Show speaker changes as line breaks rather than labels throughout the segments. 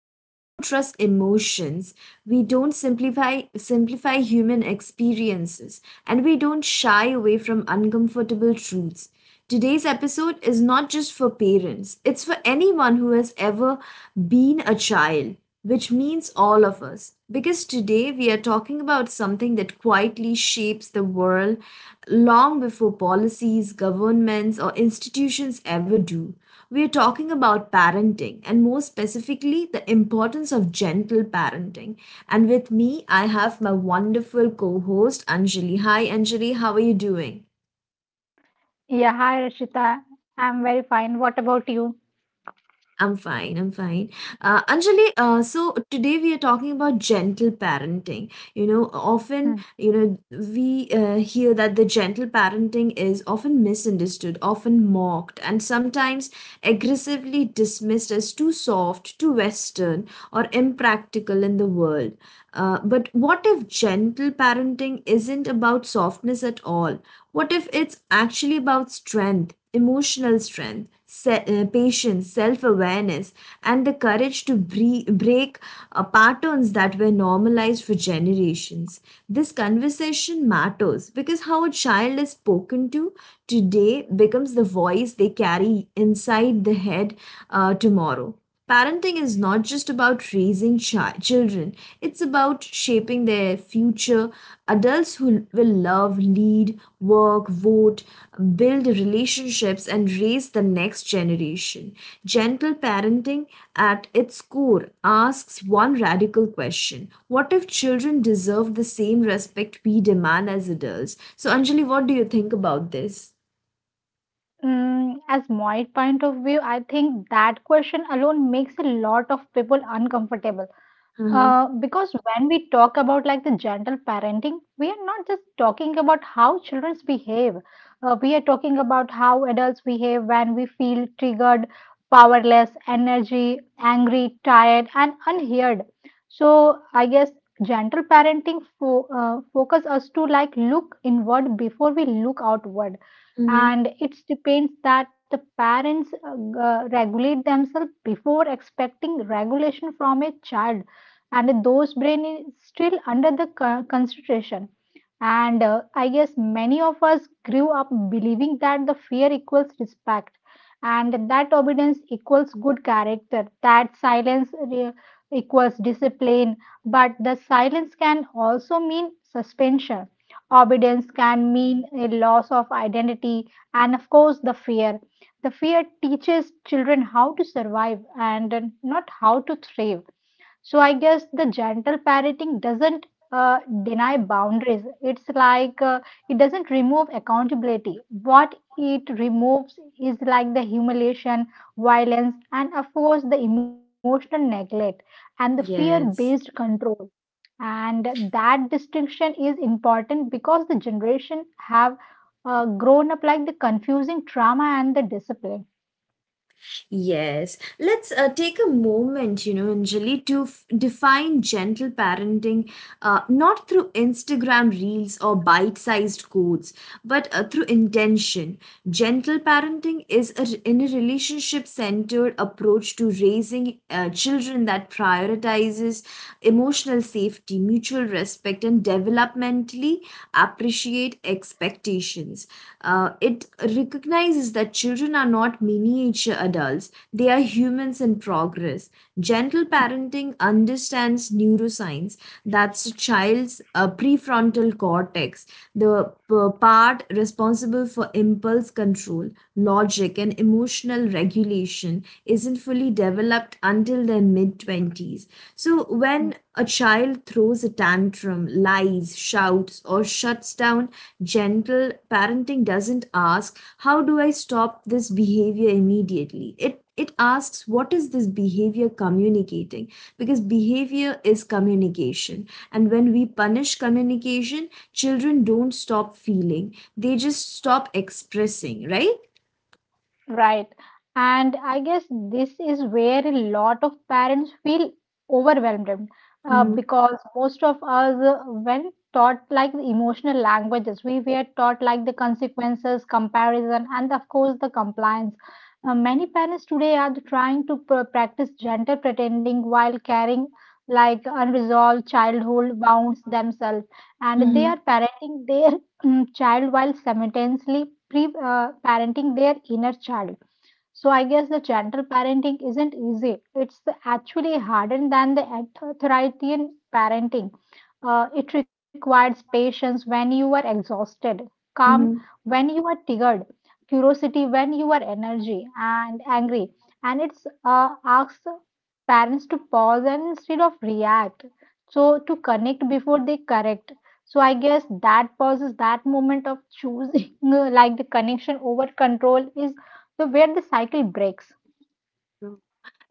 where we don't trust emotions, we don't simplify human experiences, and we don't shy away from uncomfortable truths. Today's episode is not just for parents, it's for anyone who has ever been a child which means all of us. Because today we are talking about something that quietly shapes the world long before policies, governments, or institutions ever do. We are talking about parenting and more specifically the importance of gentle parenting. And with me, I have my wonderful co host Anjali. Hi, Anjali, how are you doing?
Yeah, hi Rashita. I'm very fine. What about you?
I'm fine. I'm fine. Anjali, so today we are talking about gentle parenting. You know, often,
Hmm.
you know, we hear that the gentle parenting is often misunderstood, often mocked, and sometimes aggressively dismissed as too soft, too Western, or impractical in the world. But what if gentle parenting isn't about softness at all? What if it's actually about strength, emotional strength, patience, self awareness, and the courage to break patterns that were normalized for generations? This conversation matters because how a child is spoken to today becomes the voice they carry inside the head tomorrow. Parenting is not just about raising children, it's about shaping their future. Adults who will love, lead, work, vote, build relationships, and raise the next generation. Gentle parenting, at its core, asks one radical question: what if children deserve the same respect we demand as adults? So, Anjali, what do you think about this?
As my point of view, I think that question alone makes a lot of people uncomfortable.
Uh-huh.
Because when we talk about like the gentle parenting, we are not just talking about how children behave. We are talking about how adults behave when we feel triggered, powerless, energy, angry, tired, and unheard. So I guess gentle parenting focus us to like look inward before we look outward,
Mm-hmm.
and it depends that the parents regulate themselves before expecting regulation from a child, and those brain is still under the concentration. And I guess many of us grew up believing that the fear equals respect, and that obedience equals good character, that equals discipline. But the silence can also mean suspension, obedience can mean a loss of identity, and of course the fear, the fear teaches children how to survive and not how to thrive. So I guess the gentle parenting doesn't deny boundaries. It's like it doesn't remove accountability. What it removes is like the humiliation, violence, and of course the emotional neglect and the fear-based
Yes.
control. And that distinction is important because the generation have grown up like the confusing trauma and the discipline.
Yes, let's take a moment, you know, Anjali, to define gentle parenting not through Instagram reels or bite sized quotes, but through intention. Gentle parenting is a, in a relationship centered approach to raising children that prioritizes emotional safety, mutual respect, and developmentally appreciation create expectations. It recognizes that children are not miniature adults, they are humans in progress. Gentle parenting understands neuroscience that's a child's prefrontal cortex, the part responsible for impulse control logic, and emotional regulation isn't fully developed until their mid 20s. So, when a child throws a tantrum, lies, shouts, or shuts down gentle, parenting doesn't ask, how do I stop this behavior immediately? It asks what is this behavior communicating, because behavior is communication, and when we punish communication children don't stop feeling, they just stop expressing, right?
Right. And I guess this is where a lot of parents feel overwhelmed,
Mhm,
because most of us, when taught like the emotional languages, we were taught like the consequences, comparison, and of course the compliance. Many parents today are trying to practice gentle pretending while carrying like unresolved childhood wounds themselves, and they are
mhm,
parenting their child while simultaneously pre parenting their inner child. So I guess the gentle parenting isn't easy. It's actually harder than the authoritarian parenting. It requires patience when you are exhausted, calm
mhm.
when you are triggered, curiosity when you are energy and angry, and it's asks parents to pause and instead of react. So to connect before they correct. So I guess that pauses that moment of choosing like the connection over control is so where the cycle breaks.
Mm.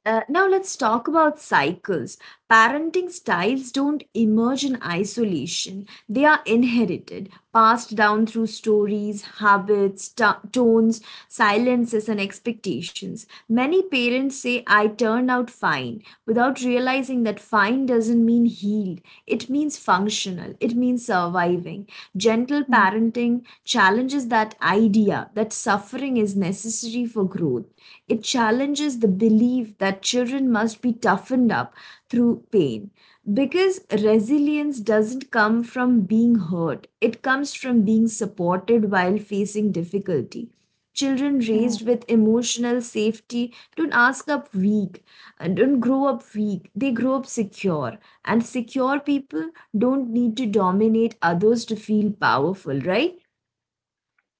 Now let's talk about cycles. Parenting styles don't emerge in isolation. They are inherited, passed down through stories, habits, tones, silences, and expectations. Many parents say, I turned out fine, without realizing that fine doesn't mean healed. It means functional, it means surviving. Gentle
Mm,
parenting challenges that idea that suffering is necessary for growth. It challenges the belief that children must be toughened up through pain because resilience doesn't come from being hurt, it comes from being supported while facing difficulty. Children
mm,
raised with emotional safety don't ask up weak and don't grow up weak, they grow up secure. And secure people don't need to dominate others to feel powerful, right?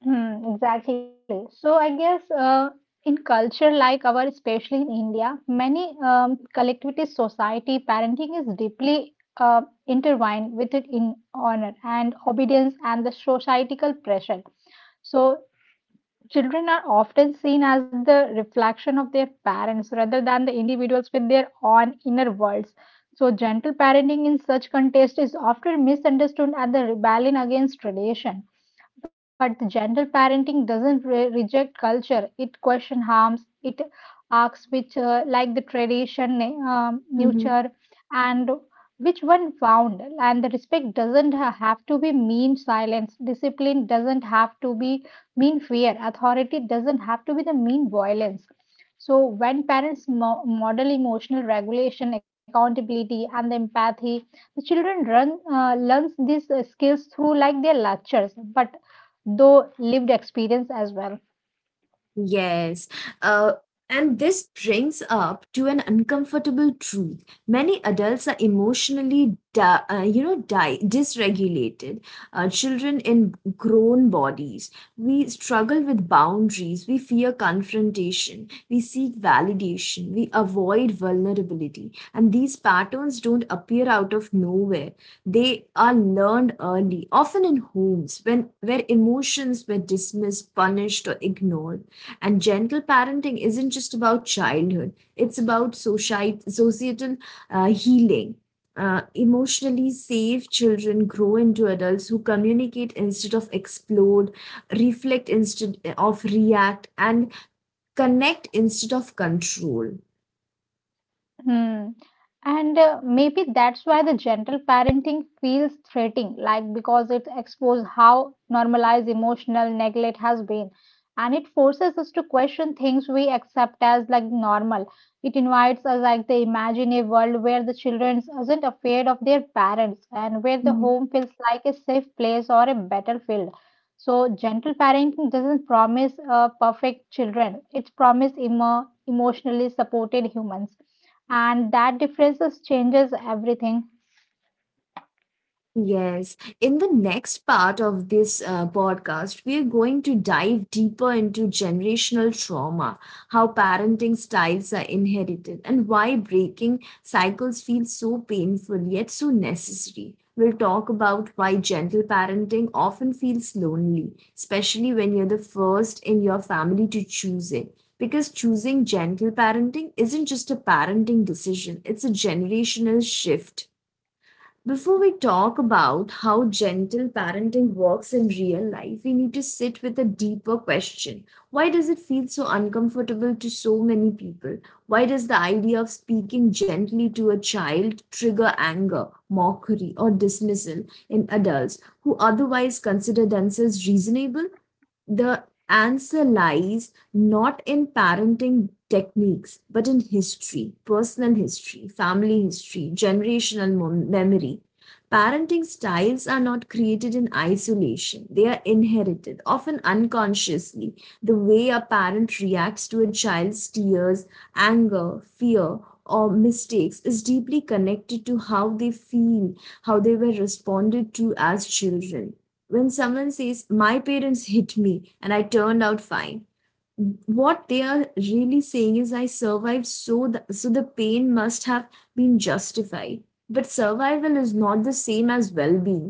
Exactly. So I guess in culture like our, especially in India, many collectivist society, parenting is deeply intertwined with it in honor and obedience and the societal pressure. So children are often seen as the reflection of their parents rather than the individuals with their own inner worlds. So, gentle parenting in such context is often misunderstood as the rebellion against tradition. But the gentle parenting doesn't reject culture, it questions harms, it asks which, like the tradition,
Mhm.
nurture, and which one found. And the respect doesn't have to be mean silence, discipline doesn't have to be mean fear, authority doesn't have to be the mean violence. So, when parents model emotional regulation, accountability, and the empathy, the children learns these skills through like their lectures but though lived experience as well.
Yes. Uh, and this brings up to an uncomfortable truth. Many adults are emotionally, dysregulated. Children in grown bodies. We struggle with boundaries. We fear confrontation. We seek validation. We avoid vulnerability. And these patterns don't appear out of nowhere. They are learned early, often in homes when where emotions were dismissed, punished, or ignored, and gentle parenting isn't just about childhood, it's about societal healing. Emotionally safe children grow into adults who communicate instead of explode, reflect instead of react, and connect instead of control.
Hmm. And maybe that's why the gentle parenting feels threatening, like because it exposes how normalized emotional neglect has been. And it forces us to question things we accept as like normal. It invites us like the imagine a world where the children isn't afraid of their parents and where the home feels like a safe place or a battlefield. So gentle parenting doesn't promise perfect children. It promises emotionally supported humans, and that differences changes everything.
Yes. In the next part of this podcast, we are going to dive deeper into generational trauma, how parenting styles are inherited, and why breaking cycles feels so painful yet so necessary. We'll talk about why gentle parenting often feels lonely, especially when you're the first in your family to choose it. Because choosing gentle parenting isn't just a parenting decision, it's a generational shift. Before we talk about how gentle parenting works in real life, we need to sit with a deeper question. Why does it feel so uncomfortable to so many people? Why does the idea of speaking gently to a child trigger anger, mockery, or dismissal in adults who otherwise consider themselves reasonable? The answer lies not in parenting techniques, but in history, personal history, family history, generational memory. Parenting styles are not created in isolation, they are inherited, often unconsciously. The way a parent reacts to a child's tears, anger, fear, or mistakes is deeply connected to how they feel, how they were responded to as children. When someone says my parents hit me and I turned out fine, what they are really saying is I survived, so the pain must have been justified. But survival is not the same as well-being.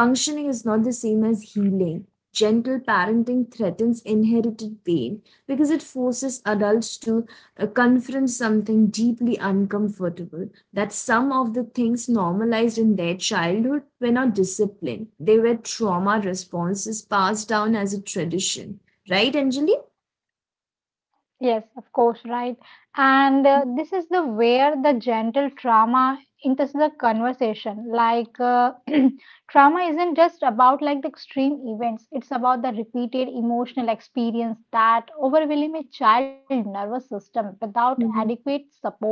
Functioning is not the same as healing. Gentle parenting threatens inherited pain because it forces adults to confront something deeply uncomfortable, that some of the things normalized in their childhood were not discipline, they were trauma responses passed down as a tradition, right Anjali?
Yes, of course, right. And this is the where the gentle trauma enters the conversation trauma isn't just about like the extreme events, it's about the repeated emotional experience that overwhelm a child nervous system without
Mhm.
adequate support.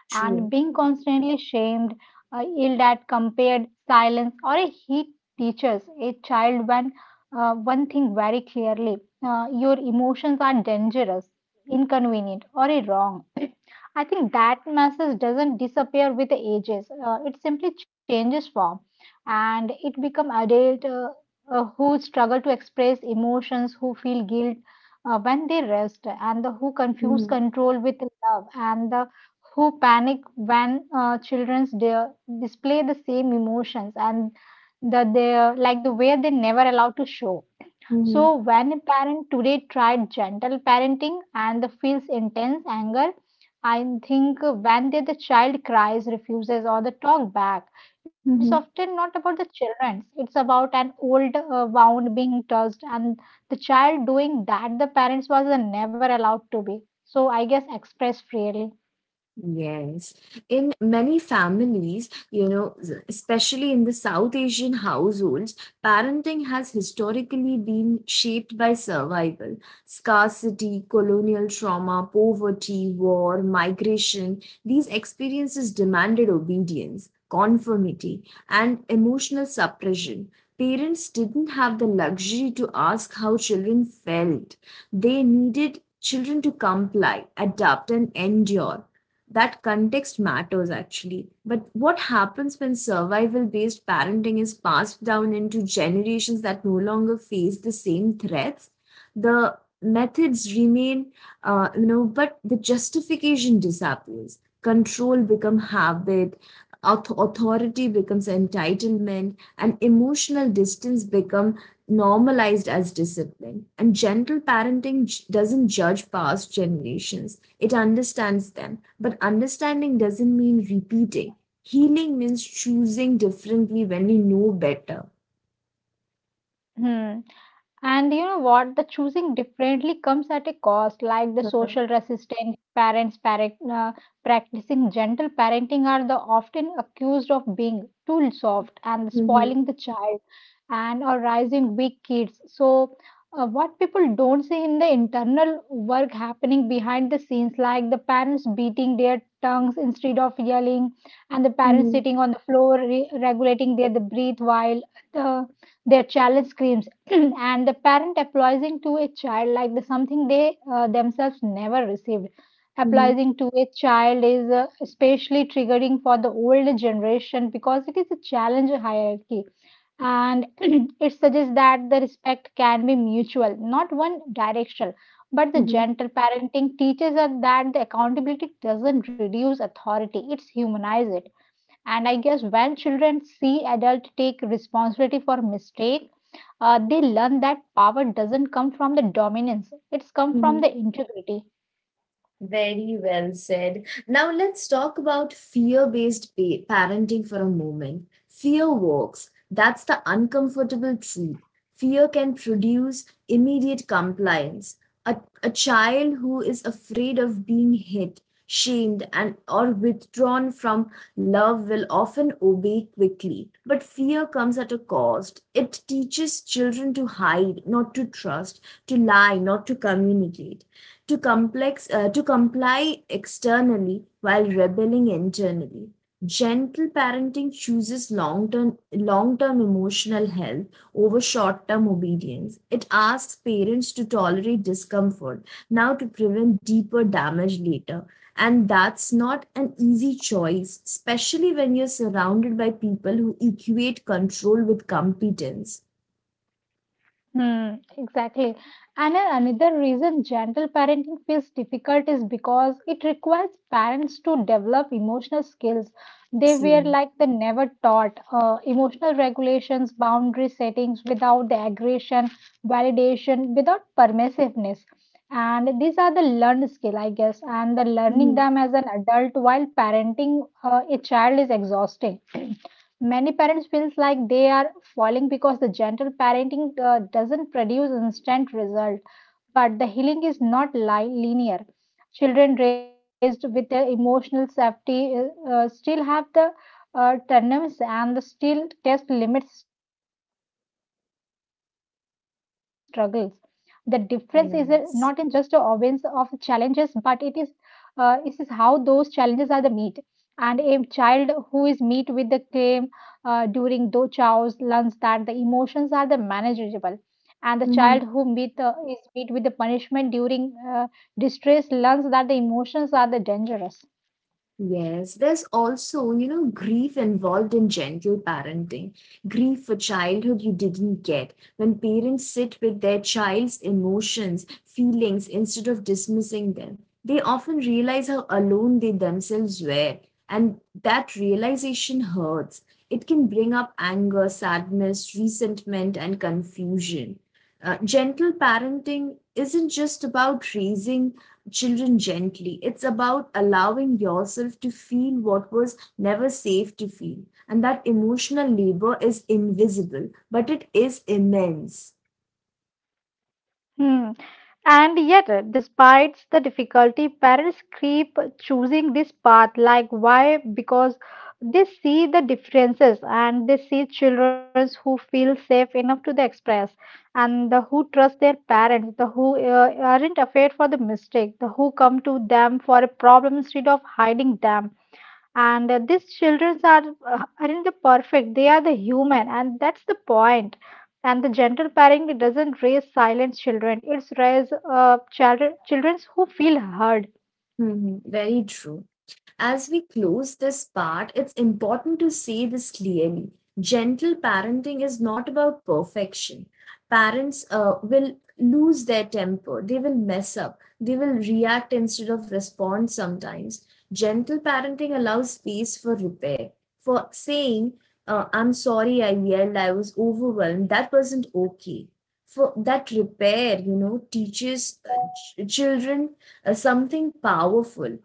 And
True.
being constantly shamed, yelled at, compared, silenced, or a he teaches a child one thing very clearly: your emotions are dangerous, inconvenient, or a wrong. I think that message doesn't disappear with the ages. It simply changes form, and it become adult who struggle to express emotions, who feel guilt when they rest, and the who confuse
Mhm.
control with love, and the who panic when children display the same emotions and that they like the way they never allowed to show. So
Mhm.
when a parent today tried gentle parenting and the feels intense anger, I think when they, the child cries, refuses, or the talk back, it's
Mhm.
often not about the children. It's about an old wound being touched and the child doing that the parents was never allowed to be. So I guess express freely.
Yes. In many families, you know, especially in the South Asian households, parenting has historically been shaped by survival, scarcity, colonial trauma, poverty, war, migration. These experiences demanded obedience, conformity, and emotional suppression. Parents didn't have the luxury to ask how children felt. They needed children to comply, adapt, and endure. That context matters actually. But what happens when survival based parenting is passed down into generations that no longer face the same threats? The methods remain, you know, but the justification disappears. Control becomes habit, authority becomes entitlement, and emotional distance become normalized as discipline. And gentle parenting doesn't judge past generations, it understands them. But understanding doesn't mean repeating. Healing means choosing differently when we know better.
Hmm. And you know what? The choosing differently comes at a cost, like the
Mhm.
social resistance. Parents practicing gentle parenting are the often accused of being too soft and
Mhm.
spoiling the child, and or raising weak kids. So, what people don't see in the internal work happening behind the scenes, like the parents beating their tongues instead of yelling, and the parents
Mhm.
sitting on the floor regulating their the breath while the their challenge screams. And the parent apologizing to a child like the something they themselves never received.
Mhm.
Apologizing to a child is especially triggering for the older generation because it is a challenge hierarchy, and it suggests that the respect can be mutual not one directional. But the
Mhm.
gentle parenting teaches us that the accountability doesn't reduce authority, it's humanize it. And I guess when children see adults take responsibility for mistake, they learn that power doesn't come from the dominance; it's come from
Mhm.
the integrity.
Very well said. Now let's talk about fear-based parenting for a moment. Fear works. That's the uncomfortable truth. Fear can produce immediate compliance. A, a child who is afraid of being hit, shamed, and or withdrawn from love will often obey quickly. But fear comes at a cost. It teaches children to hide, not to trust, to lie, not to communicate, to complex to comply externally while rebelling internally. Gentle parenting chooses long term emotional health over short term obedience. It asks parents to tolerate discomfort now to prevent deeper damage later, and that's not an easy choice, especially when you're surrounded by people who equate control with competence.
Hmm, exactly. And another reason gentle parenting feels difficult is because it requires parents to develop emotional skills they were
True.
like they never taught. Emotional regulations, boundary settings without the aggression, validation, without permissiveness. And these are the learned skill, I guess. And the learning
Mhm.
them as an adult while parenting a child is exhausting. Many parents feels like they are falling because the gentle parenting doesn't produce instant result, but the healing is not linear. Children raised with the emotional safety still have the tandems and the still test limits, still struggles. The difference is not in just the obvious of challenges, but
Yes.
it is how those challenges are the meet. And a child who is meet with the claim during do chaos learns that the emotions are the manageable. And the child who meet, is meet with the punishment during uh, distress learns that the emotions are the dangerous.
Yes, there's also, you know, grief involved in gentle parenting. Grief for childhood you didn't get. When parents sit with their child's emotions, feelings, instead of dismissing them, they often realize how alone they themselves were. And that realization hurts. It can bring up anger, sadness, resentment, and confusion. Gentle parenting isn't just about raising children gently, it's about allowing yourself to feel what was never safe to feel, and that emotional labor is invisible but it is immense.
Hmm. And yet, despite the difficulty, parents keep choosing this path. Like, why? Because they see the differences and they see children who feel safe enough to the express, and the who trust their parents, the who aren't afraid for the mistake, the who come to them for a problem instead of hiding them. And these children are aren't the perfect, they are the human, and that's the point. And the gentle parenting, it doesn't raise silent children, it's raise children who feel heard.
Mhm, very true. As we close this part, it's important to say this clearly. Gentle parenting is not about perfection. Parents will lose their temper, they will mess up, they will react instead of respond sometimes. Gentle parenting allows space for repair, for saying, I'm sorry, I yelled, I was overwhelmed, that wasn't okay. For that repair, you know, teaches children something powerful,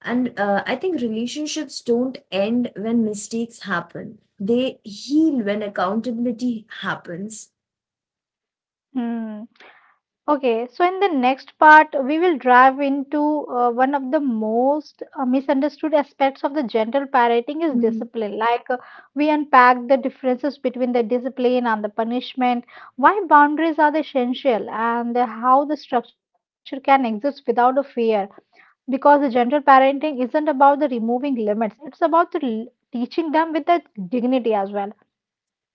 and I think relationships don't end when mistakes happen. They heal when accountability happens.
Hmm. Okay, so in the next part, we will dive into one of the most misunderstood aspects of the gentle parenting is discipline. We unpack the differences between the discipline and the punishment, why boundaries are essential, and how the structure can exist without a fear. Because the gentle parenting isn't about the removing limits; it's about the teaching them with the dignity as well.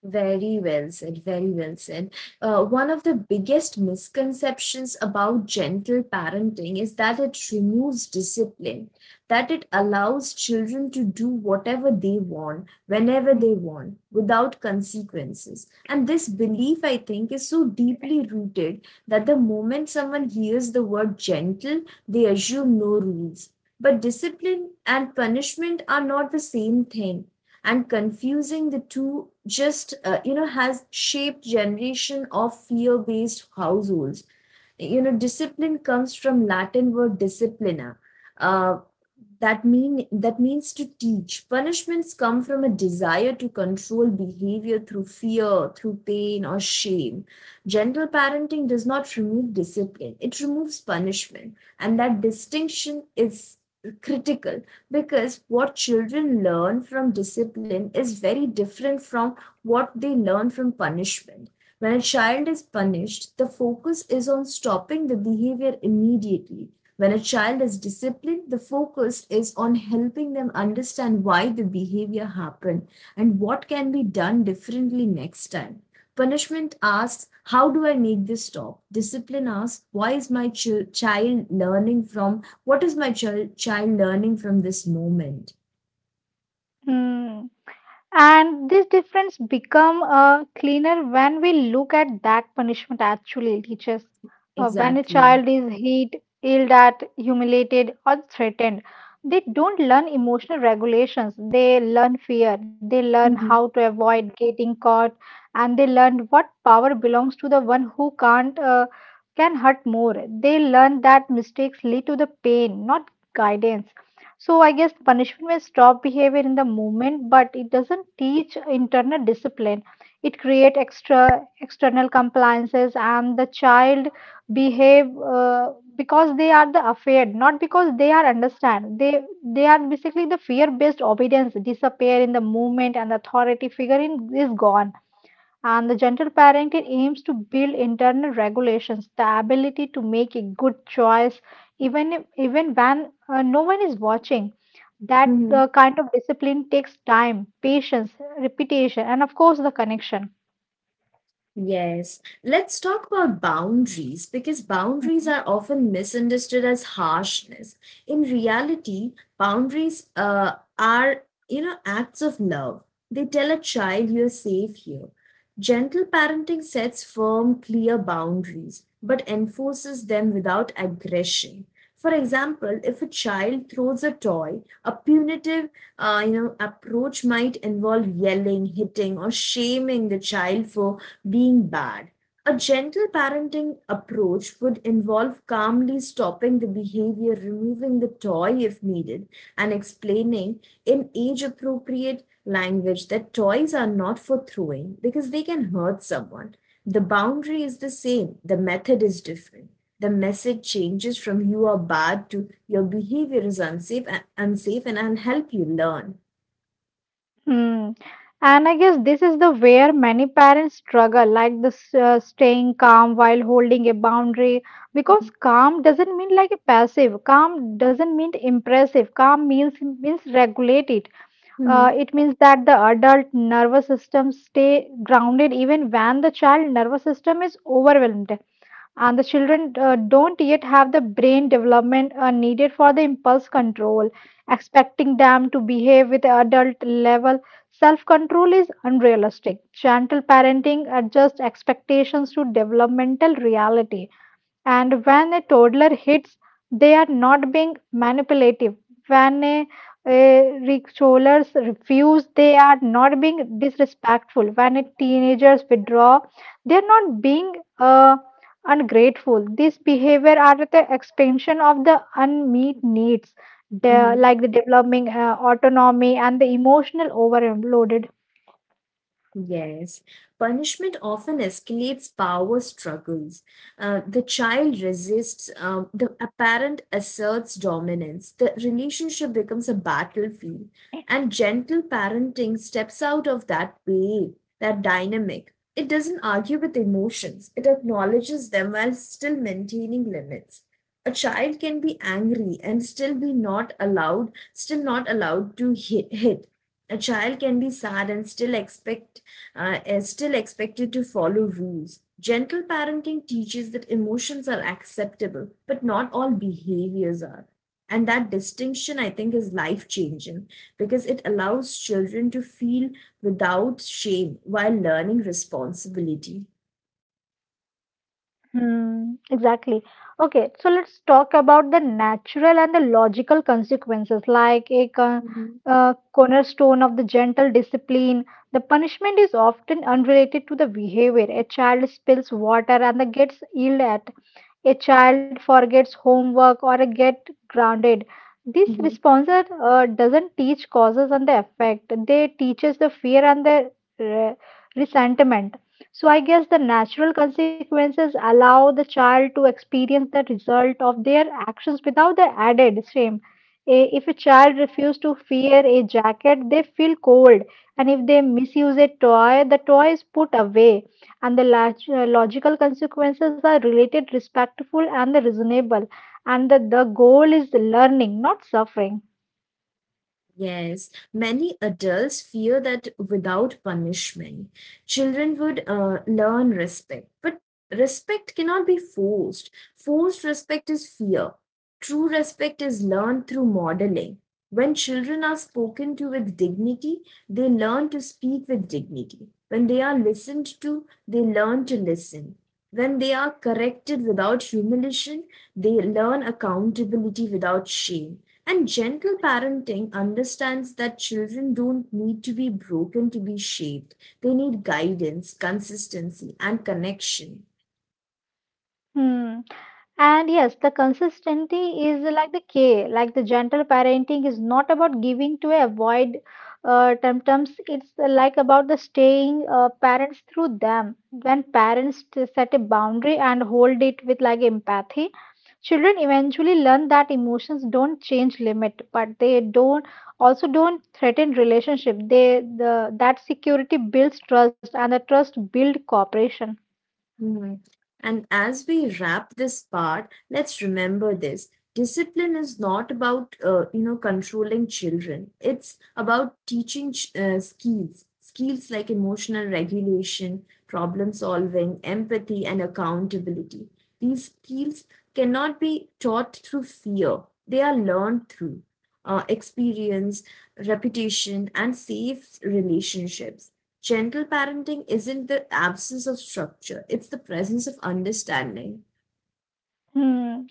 Very well said, very well said. One of the biggest misconceptions about gentle parenting is that it removes discipline, that it allows children to do whatever they want, whenever they want, without consequences. And this belief, I think, is so deeply rooted that the moment someone hears the word gentle, they assume no rules. But discipline and punishment are not the same thing, and confusing the two just has shaped generation of fear based households. You know, discipline comes from Latin word disciplina, uh, that means to teach. Punishments come from a desire to control behavior through fear, through pain or shame. Gentle parenting does not remove discipline, it removes punishment, and that distinction is critical, because what children learn from discipline is very different from what they learn from punishment. When a child is punished, the focus is on stopping the behavior immediately. When a child is disciplined, the focus is on helping them understand why the behavior happened and what can be done differently next time. Punishment asks, how do I make this stop? Discipline asks, why is my child learning from? What is my child learning from this moment?
Mm. And this difference become cleaner when we look at that punishment actually teaches. When a
Exactly.
child is hit, ill at, humiliated, or threatened, they don't learn emotional regulations. They learn fear. They learn how
Mhm.
to avoid getting caught, and they learn what power belongs to the one who can't can hurt more. They learn that mistakes lead to the pain, not guidance. So I guess punishment may stop behavior in the moment, but it doesn't teach internal discipline. It create extra external compliances, and the child behave because they are the afraid, not because they are understand. They are basically the fear based obedience disappear in the moment, and the authority figure in, is gone. And the gentle parenting aims to build internal regulations, the ability to make a good choice even if, even when no one is watching. That
Mhm.
kind of discipline takes time, patience, repetition, and of course the connection.
Yes. Let's talk about boundaries because boundaries
Mhm.
are often misunderstood as harshness. In reality, boundaries are acts of love. They tell a child you're safe here. Gentle parenting sets firm, clear boundaries, but enforces them without aggression. For example, if a child throws a toy, a punitive approach might involve yelling, hitting, or shaming the child for being bad. A gentle parenting approach would involve calmly stopping the behavior, removing the toy if needed, and explaining in age appropriate language that toys are not for throwing because they can hurt someone. The boundary is the same, the method is different, the message changes from you are bad to your behavior is unsafe, and I help you learn.
Hmm. And I guess this is the where many parents struggle, like this staying calm while holding a boundary, because
Mhm.
calm doesn't mean like a passive. Calm doesn't mean impressive. Calm means regulated.
Mhm.
It means that the adult nervous system stay grounded even when the child nervous system is overwhelmed, and the children don't yet have the brain development needed for the impulse control. Expecting them to behave with adult level self control is unrealistic. Gentle parenting adjusts expectations to developmental reality. And when a toddler hits, they are not being manipulative. When a rickshaws refuse, they are not being disrespectful. When a teenagers withdraw, they are not being ungrateful. These behavior are the expansion of the unmet needs, the,
Mhm.
like the developing autonomy and the emotional overloaded.
Yes, punishment often escalates power struggles. The child resists, the parent asserts dominance, the relationship becomes a battlefield, and gentle parenting steps out of that dynamic. It doesn't argue with emotions, it acknowledges them while still maintaining limits. A child can be angry and still not allowed to hit. A child can be sad and still expect is still expected to follow rules. Gentle parenting teaches that emotions are acceptable, but not all behaviors are. And that distinction, I think, is life changing because it allows children to feel without shame while learning responsibility.
Hmm, exactly. Okay, so let's talk about the natural and the logical consequences, like a con
Mhm.
cornerstone of the gentle discipline. The punishment is often unrelated to the behavior. A child spills water and the gets yelled at. A child forgets homework or a get grounded. This
Mhm.
response doesn't teach causes and the effect. They teaches the fear and the re- resentment. So I guess the natural consequences allow the child to experience the result of their actions without the added shame. If a child refuses to wear a jacket, they feel cold. And if they misuse a toy, the toy is put away. And the logical consequences are related, respectful, and the reasonable. And the goal is learning, not suffering.
Yes, many adults fear that without punishment, children would learn respect. But respect cannot be forced. Forced respect is fear. True respect is learned through modeling. When children are spoken to with dignity, they learn to speak with dignity. When they are listened to, they learn to listen. When they are corrected without humiliation, they learn accountability without shame, and gentle parenting understands that children don't need to be broken to be shaped. They need guidance, consistency, and connection.
Hmm. And yes, the consistency is like the K, like the gentle parenting is not about giving to avoid temptums. It's like about the staying parents through them. When parents set a boundary and hold it with like empathy, children eventually learn that emotions don't change limit, but they don't also don't threaten relationship. They the that security builds trust, and the trust build cooperation.
Mhm. And as we wrap this part, let's remember this. Discipline is not about, controlling children. It's about teaching skills, skills like emotional regulation, problem solving, empathy, and accountability. These skills cannot be taught through fear. They are learned through experience, reputation, and safe relationships. Gentle parenting isn't the absence of structure, it's the presence of understanding.
Hmm.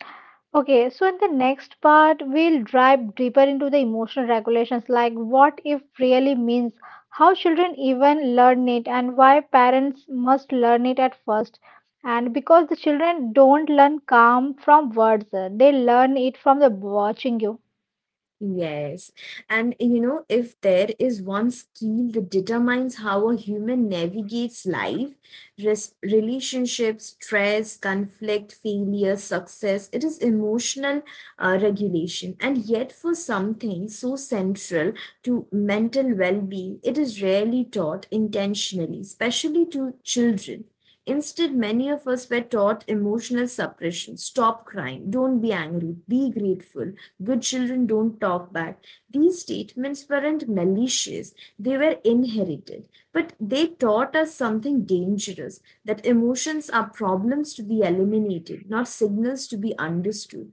Okay, so in the next part, we'll dive deeper into the emotional regulations like what if really means, how children even learn it, and why parents must learn it at first. And because the children don't learn calm from words, they learn it from the watching you.
Yes. And you know, if there is one skill that determines how a human navigates life, relationships, stress, conflict, failure, success, it is emotional regulation. And yet, for something so central to mental well being, it is rarely taught intentionally, especially to children. Instead, many of us were taught emotional suppression. Stop crying. Don't be angry. Be grateful. Good children don't talk back. These statements weren't malicious, they were inherited. But they taught us something dangerous, that emotions are problems to be eliminated, not signals to be understood.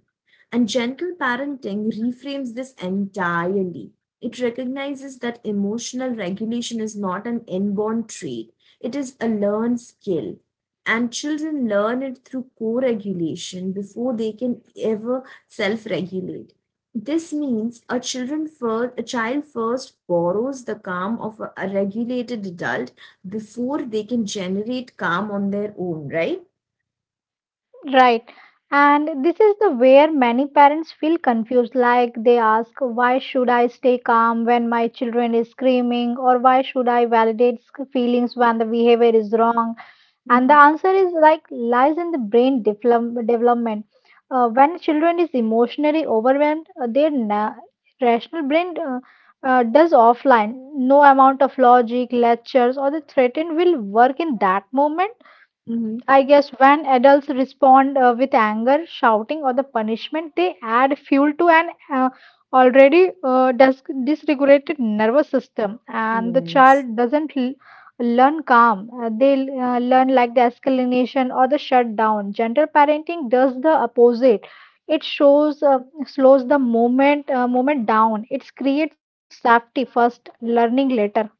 And gentle parenting reframes this entirely. It recognizes that emotional regulation is not an inborn trait, it is a learned skill. And children learn it through co regulation before they can ever self regulate. This means a child first borrows the calm of a regulated adult before they can generate calm on their own, right?
Right. And this is the where many parents feel confused, like they ask, why should I stay calm when my children is screaming, or why should I validate feelings when the behavior is wrong? And the
Mhm.
answer is like lies in the brain development. When children is emotionally overwhelmed, their rational brain does offline. No amount of logic lectures or the threaten will work in that moment.
Mhm.
I guess when adults respond with anger, shouting, or the punishment, they add fuel to an already dysregulated nervous system, and the
Yes.
child doesn't learn calm. They learn like the escalation or the shutdown. Gentle parenting does the opposite. It shows slows the moment down. It creates safety first, learning later.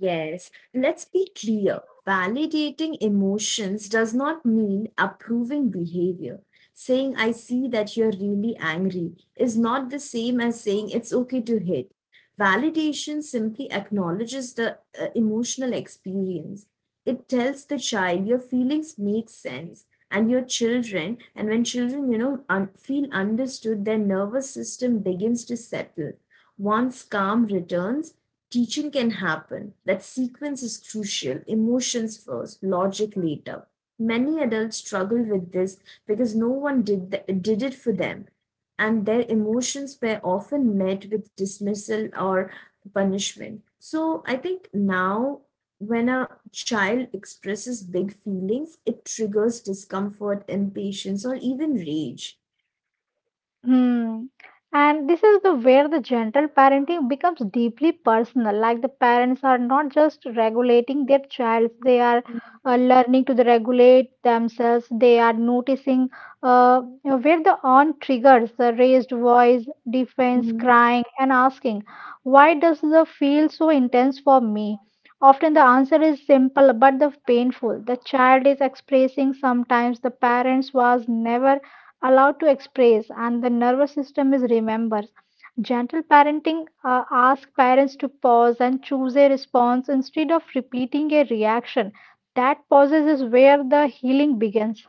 Yes, let's be clear. Validating emotions does not mean approving behavior. Saying, I see that you're really angry is not the same as saying it's okay to hit. Validation simply acknowledges the emotional experience. It tells the child your feelings make sense, and when children, feel understood, their nervous system begins to settle. Once calm returns, teaching can happen. That sequence is crucial. Emotions first, logic later. Many adults struggle with this because no one did it for them, and their emotions were often met with dismissal or punishment. So, I think now when a child expresses big feelings, it triggers discomfort, impatience, or even rage.
Hmm. And this is the where the gentle parenting becomes deeply personal. Like the parents are not just regulating their child, they are learning to the regulate themselves. They are noticing where the on triggers, the raised voice, defense,
Mhm.
crying, and asking, "Why does the feel so intense for me?" Often the answer is simple but the painful. The child is expressing sometimes the parents was never allowed to express, and the nervous system is remembers. Gentle parenting asks parents to pause and choose a response instead of repeating a reaction. That pauses is where the healing begins.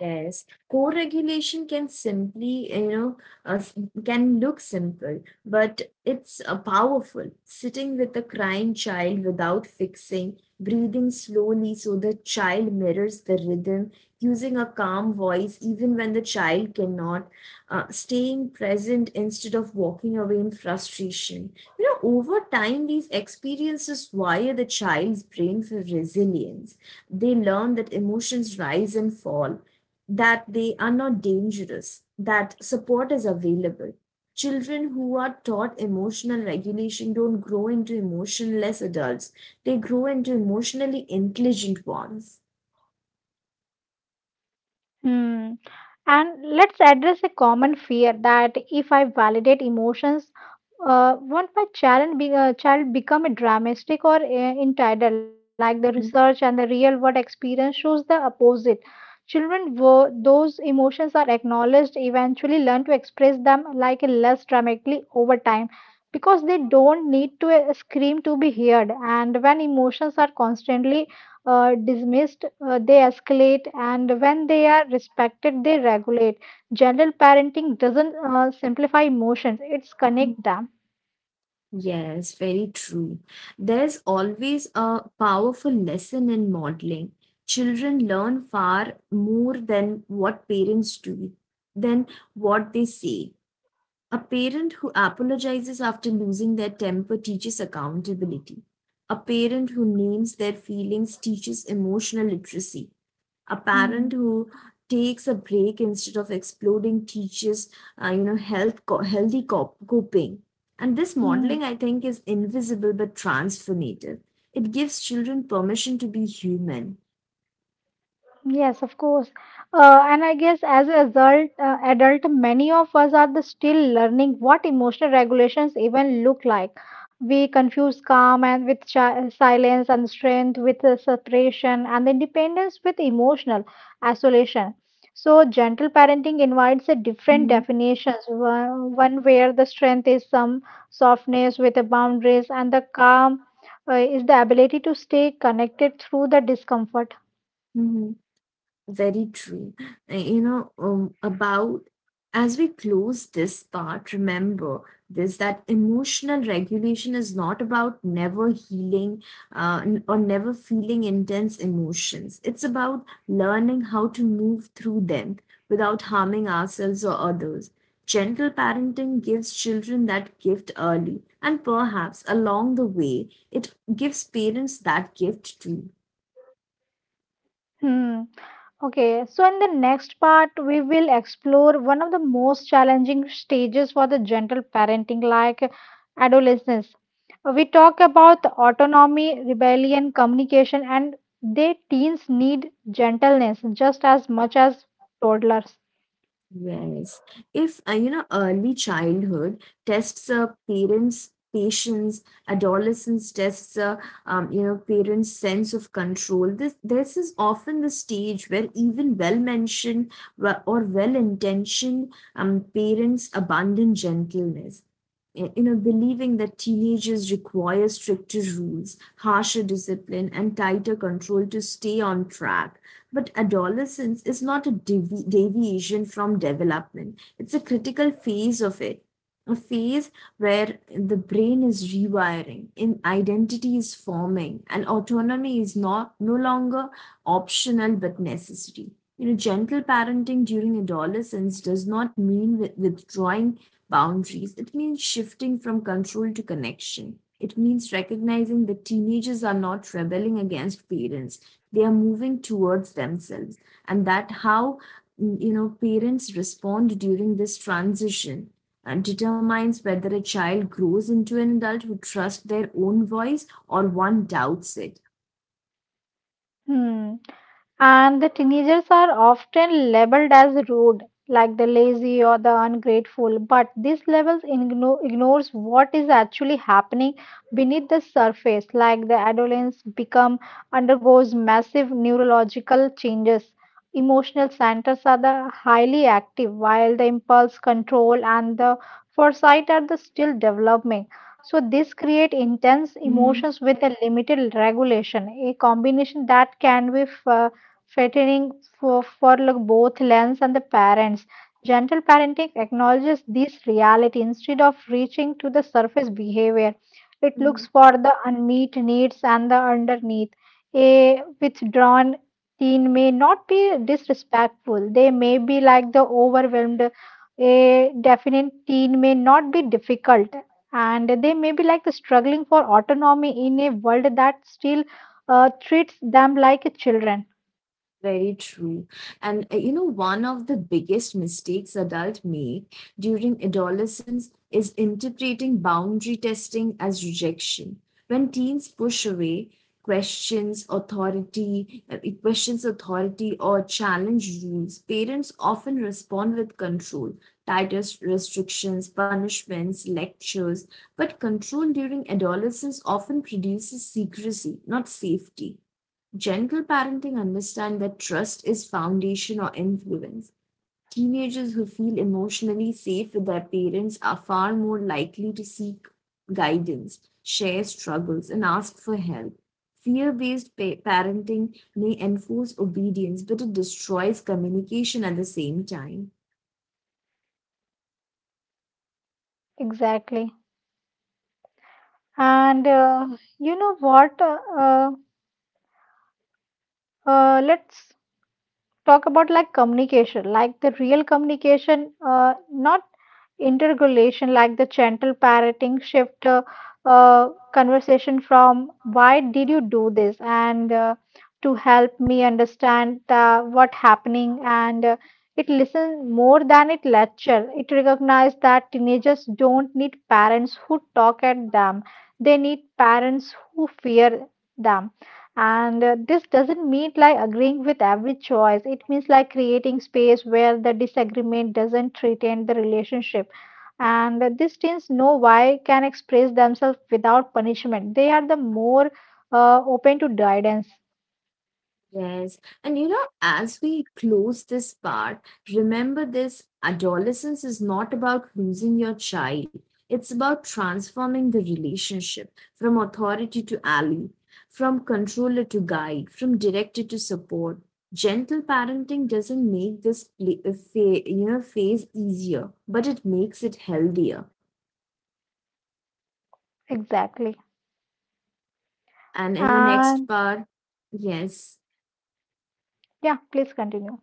Yes, co-regulation can simply, you know, s- can look simple, but it's powerful. Sitting with a crying child without fixing, breathing slowly so the child mirrors the rhythm, using a calm voice even when the child cannot, staying present instead of walking away in frustration. You know, over time, these experiences wire the child's brain for resilience. They learn that emotions rise and fall, that they are not dangerous, that support is available. Children who are taught emotional regulation don't grow into emotionless adults, they grow into emotionally intelligent ones.
Hmm. And let's address a common fear that if I validate emotions, won't my child become a dramatic or entitled? Like the
Mhm,
research and the real world experience shows the opposite. Children, those emotions are acknowledged, eventually learn to express them like less dramatically over time, because they don't need to scream to be heard. And when emotions are constantly dismissed, they escalate, and when they are respected, they regulate. General parenting doesn't simplify emotions, it's
mhm.
connect them.
Yes, very true. There's always a powerful lesson in modeling. Children learn far more than what parents do, than what they say. A parent who apologizes after losing their temper teaches accountability. A parent who names their feelings teaches emotional literacy. A parent
Hmm.
who takes a break instead of exploding teaches, health healthy coping. And this
Hmm.
modeling, I think, is invisible but transformative. It gives children permission to be human.
Yes, of course. And I guess as a result, adult, many of us are the still learning what emotional regulations even look like. We confuse calm and with silence, and strength with separation, and independence with emotional isolation. So gentle parenting invites a different
Mhm.
definitions. One where the strength is some softness with the boundaries, and the calm is the ability to stay connected through the discomfort.
Mhm. Very true. You know, about as we close this part, remember this, that emotional regulation is not about never healing or never feeling intense emotions. It's about learning how to move through them without harming ourselves or others. Gentle parenting gives children that gift early, and perhaps along the way, it gives parents that gift too.
Hmm. Okay, so in the next part, we will explore one of the most challenging stages for the gentle parenting, like adolescence. We talk about autonomy, rebellion, communication, and they teens need gentleness just as much as toddlers.
Yes. If, early childhood tests parents' patience, adolescence tests parents' sense of control. This is often the stage where even well-mentioned wa- or well-intentioned parents abandon gentleness. You know, believing that teenagers require stricter rules, harsher discipline, and tighter control to stay on track, but adolescence is not a deviation from development, it's a critical phase of it. A phase where the brain is rewiring, in identity is forming, and autonomy is not no longer optional but necessary. You know, gentle parenting during adolescence does not mean withdrawing boundaries. It means shifting from control to connection. It means recognizing that teenagers are not rebelling against parents, they are moving towards themselves, and that how you know, parents respond during this transition and determines whether a child grows into an adult who trusts their own voice or one doubts it.
Hmm. And the teenagers are often labeled as rude, like the lazy or the ungrateful. But these labels ignores what is actually happening beneath the surface, like the adolescence become undergoes massive neurological changes. Emotional centers are the highly active, while the impulse control and the foresight are the still developing. So this create intense
Hmm.
emotions with a limited regulation, a combination that can be fattening for like both Lens and the parents. Gentle parenting acknowledges this reality instead of reaching to the surface behavior. It looks for the unmet needs and the underneath. A withdrawn teen may not be disrespectful. They may be like the overwhelmed. A definite teen may not be difficult. And they may be like the struggling for autonomy in a world that still treats them like children.
Very true. And you know, one of the biggest mistakes adults make during adolescence is interpreting boundary testing as rejection. When teens push away, questions authority or challenge rules, parents often respond with control, tighter restrictions, punishments, lectures. But control during adolescence often produces secrecy, not safety. Gentle parenting understands that trust is foundation or influence. Teenagers who feel emotionally safe with their parents are far more likely to seek guidance, share struggles, and ask for help. Fear based parenting may enforce obedience, but it destroys communication at the same time.
Exactly. And you know what? Let's talk about like communication, like the real communication, not interrogation, like the gentle parroting, shift conversation from "Why did you do this?" and to help me understand what happening and. It listens more than it lecture. It recognizes that teenagers don't need parents who talk at them. They need parents who fear them. And this doesn't mean like agreeing with every choice. It means like creating space where the disagreement doesn't threaten the relationship, and these teens know why can express themselves without punishment. They are the more open to guidance.
Yes. And you know, as we close this part, remember this, adolescence is not about losing your child. It's about transforming the relationship from authority to ally, from controller to guide, from director to support. Gentle parenting doesn't make this phase easier, but it makes it healthier.
Exactly.
And in the next
And
part, yes.
yeah, please continue.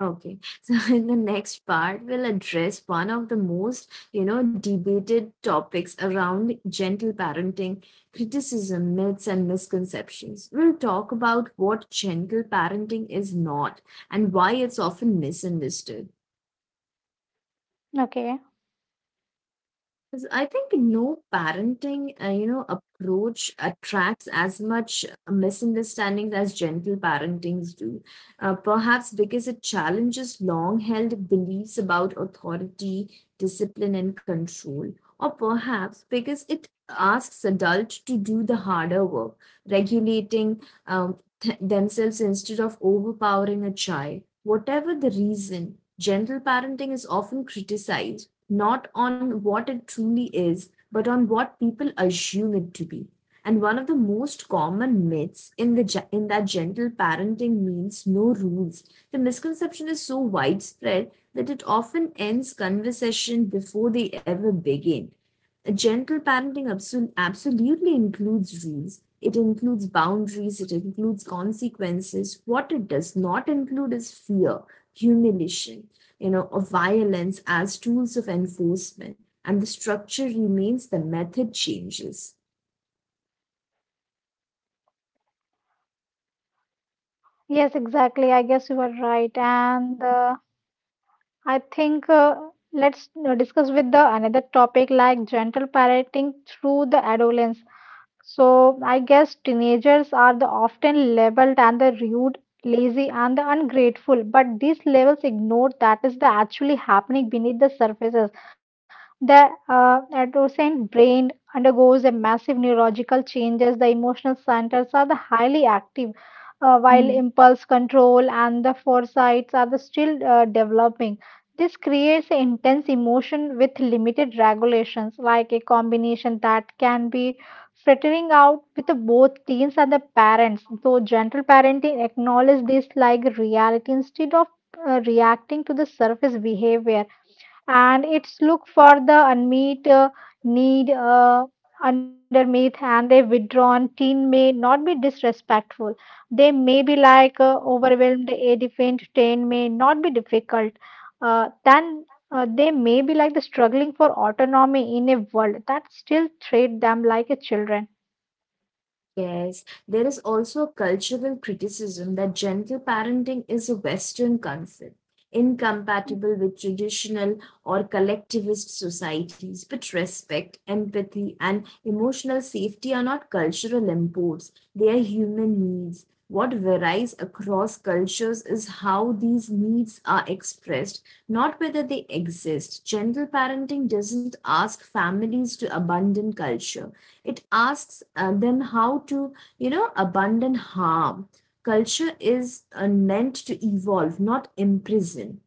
Okay, so in the next part, we'll address one of the most, you know, debated topics around gentle parenting, criticism, myths, and misconceptions. We'll talk about what gentle parenting is not and why it's often misunderstood.
Okay.
'Cause I think no parenting, approach attracts as much misunderstandings as gentle parentings do. Perhaps because it challenges long-held beliefs about authority, discipline, and control, or perhaps because it asks adults to do the harder work, regulating themselves instead of overpowering a child. Whatever the reason, gentle parenting is often criticized not on what it truly is, but on what people assume it to be. And one of the most common myths in that gentle parenting means no rules. The misconception is so widespread that it often ends conversation before they ever begin. A gentle parenting absolutely includes rules. It includes boundaries. It includes consequences. What it does not include is fear, humiliation, you know, of violence as tools of enforcement, and the structure remains, the method changes.
Yes, exactly. I guess you are right, and I think let's discuss with the another topic like gentle parenting through the adolescence. So I guess teenagers are the often labeled and the rude, lazy and the ungrateful, but these labels ignore that is the actually happening beneath the surfaces. The adolescent brain undergoes a massive neurological changes. The emotional centers are the highly active, while impulse control and the foresights are the still developing. This creates intense emotion with limited regulations, like a combination that can be frittering out with the both teens and the parents. Though gentle parenting acknowledges this like reality instead of reacting to the surface behavior. And it's look for the unmet need underneath. And a withdrawn teen may not be disrespectful. They may be like overwhelmed. A defined teen may not be difficult. Then they may be like the struggling for autonomy in a world that still treat them like a children.
Yes, there is also a cultural criticism that gentle parenting is a Western concept, incompatible with traditional or collectivist societies. But respect, empathy, and emotional safety are not cultural imports, they are human needs. What varies across cultures is how these needs are expressed, not whether they exist. Gentle parenting doesn't ask families to abandon culture, it asks them how to, you know, abandon harm. Culture is meant to evolve, not imprison.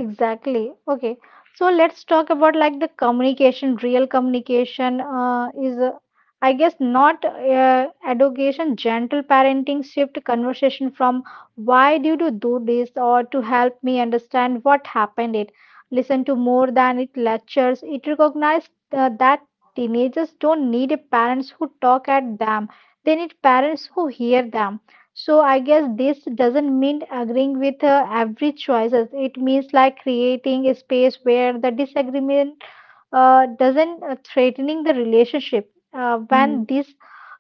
Exactly. Okay. So let's talk about like the communication, real communication is, I guess, not education, gentle parenting, shift conversation from "Why did you do this?" or to help me understand what happened it. Listen to more than it lectures. It recognized that teenagers don't need a parents who talk at them. They need parents who hear them. So I guess this doesn't mean agreeing with every choices. It means like creating a space where the disagreement doesn't threatening the relationship. When this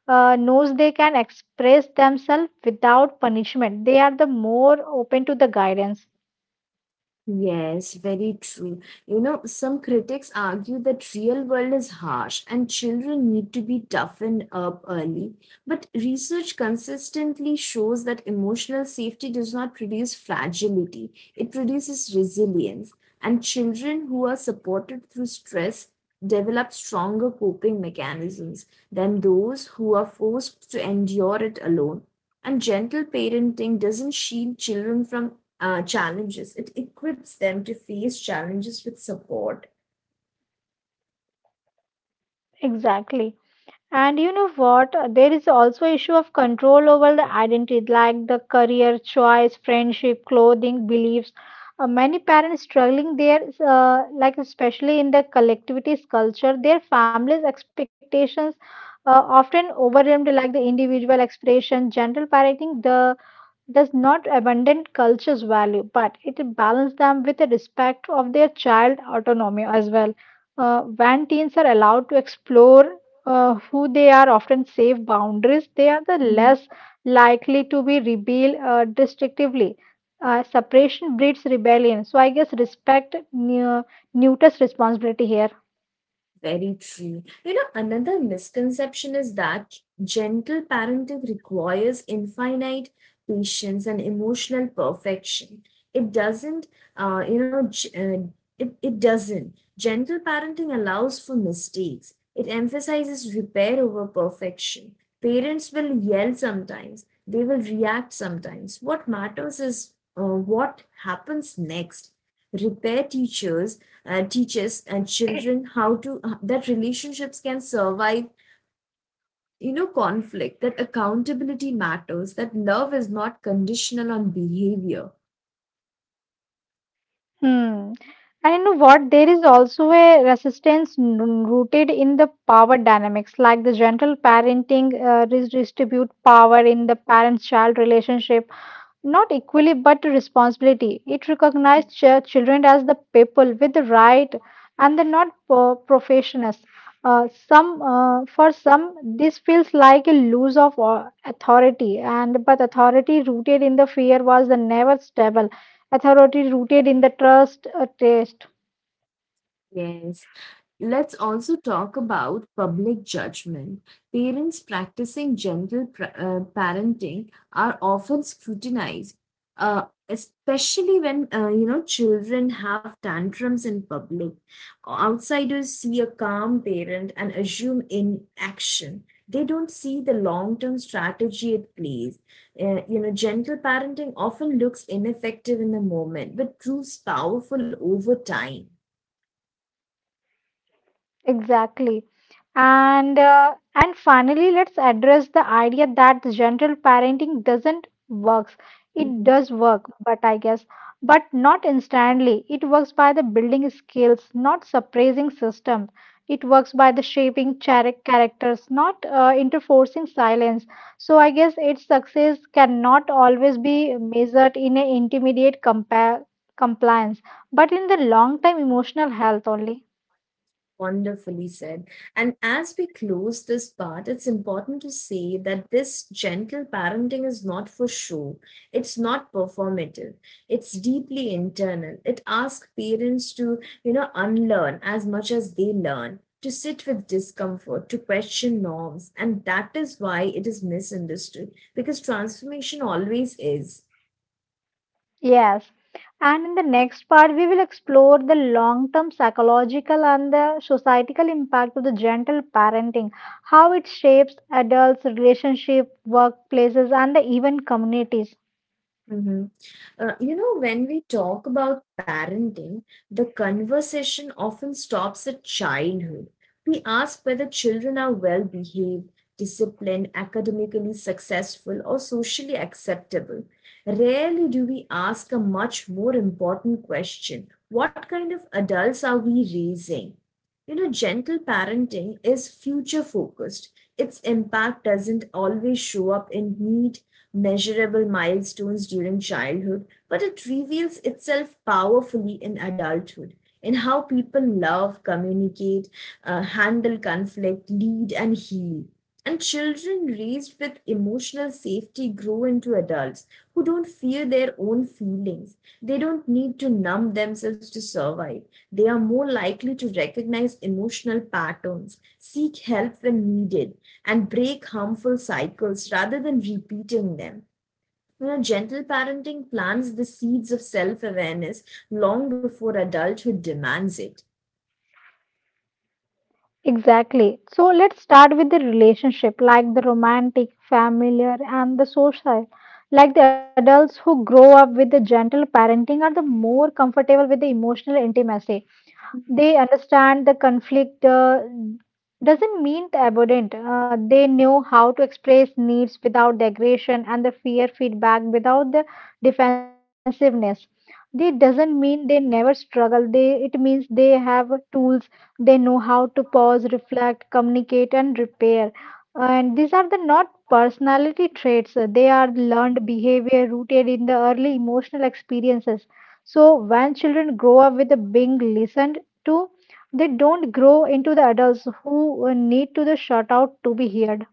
knows they can express themselves without punishment, they are the more open to the guidance.
Yes, very true. You know, some critics argue that real world is harsh and children need to be toughened up early. But research consistently shows that emotional safety does not produce fragility, it produces resilience. And children who are supported through stress develop stronger coping mechanisms than those who are forced to endure it alone. And gentle parenting doesn't shield children from challenges. It equips them to face challenges with support.
Exactly. And you know what? There is also issue of control over the identity, like the career choice, friendship, clothing, beliefs. Many parents struggling there, like especially in the collectivist culture, their families' expectations often overwhelmed like the individual expression, general parenting, the does not abandon culture's value, but it balances them with a respect of their child autonomy as well. When teens are allowed to explore who they are, often safe boundaries, they are the less likely to be rebel destructively. Separation breeds rebellion. So I guess respect neuters responsibility here.
Very true. You know, another misconception is that gentle parenting requires infinite patience and emotional perfection. It doesn't, uh, you know, g- uh, it doesn't. Gentle parenting allows for mistakes, it emphasizes repair over perfection. Parents will yell sometimes, they will react sometimes. What matters is what happens next. Repair teachers and teaches and children how to that relationships can survive conflict, that accountability matters, that love is not conditional on behavior.
Hmm. And you know what? There is also a resistance rooted in the power dynamics, like the gentle parenting redistribute power in the parent-child relationship, not equally, but responsibility. It recognized children as the people with the right and the not professionals. Some for some this feels like a lose of authority, and but authority rooted in the fear was the never stable. Authority rooted in the trust taste.
Yes. Let's also talk about public judgment. Parents practicing gentle parenting are often scrutinized, uh, especially when you know, children have tantrums in public. Outsiders see a calm parent and assume inaction. They don't see the long-term strategy at play. You know, gentle parenting often looks ineffective in the moment, but proves powerful over time.
Exactly. And finally, let's address the idea that general parenting doesn't works. It
Mhm.
does work, but I guess, but not instantly. It works by the building skills, not suppressing system. It works by the shaping characters, not interforcing silence. So I guess its success cannot always be measured in an intermediate compliance, but in the long-term emotional health only.
Wonderfully said. And as we close this part, it's important to say that this gentle parenting is not for show. It's not performative. It's deeply internal. It asks parents to, you know, unlearn as much as they learn, to sit with discomfort, to question norms. And that is why it is misunderstood, because transformation always is.
Yes. And in the next part, we will explore the long term psychological and the societal impact of the gentle parenting, how it shapes adults' relationship, workplaces, and even communities.
Mm-hmm. You know, when we talk about parenting, the conversation often stops at childhood. We ask whether children are well behaved, disciplined, academically successful, or socially acceptable. Rarely do we ask a much more important question: what kind of adults are we raising? You know, gentle parenting is future focused. Its impact doesn't always show up in neat measurable milestones during childhood, but it reveals itself powerfully in adulthood, in how people love, communicate, handle conflict, lead, and heal. And children raised with emotional safety grow into adults who don't fear their own feelings. They don't need to numb themselves to survive. They are more likely to recognize emotional patterns, seek help when needed, and break harmful cycles rather than repeating them. You know, gentle parenting plants the seeds of self awareness long before adulthood demands it.
Exactly. So let's start with the relationship, like the romantic, familiar, and the social. Like the adults who grow up with the gentle parenting are the more comfortable with the emotional intimacy, they understand the conflict doesn't mean the avoidant. They know how to express needs without the aggression and the fear feedback without the defensiveness. They doesn't mean they never struggle. They it means they have tools. They know how to pause, reflect, communicate, and repair. And these are the not personality traits. They are learned behavior rooted in the early emotional experiences. So when children grow up with the being listened Two, they don't grow into the adults who need to the shut out to be heard.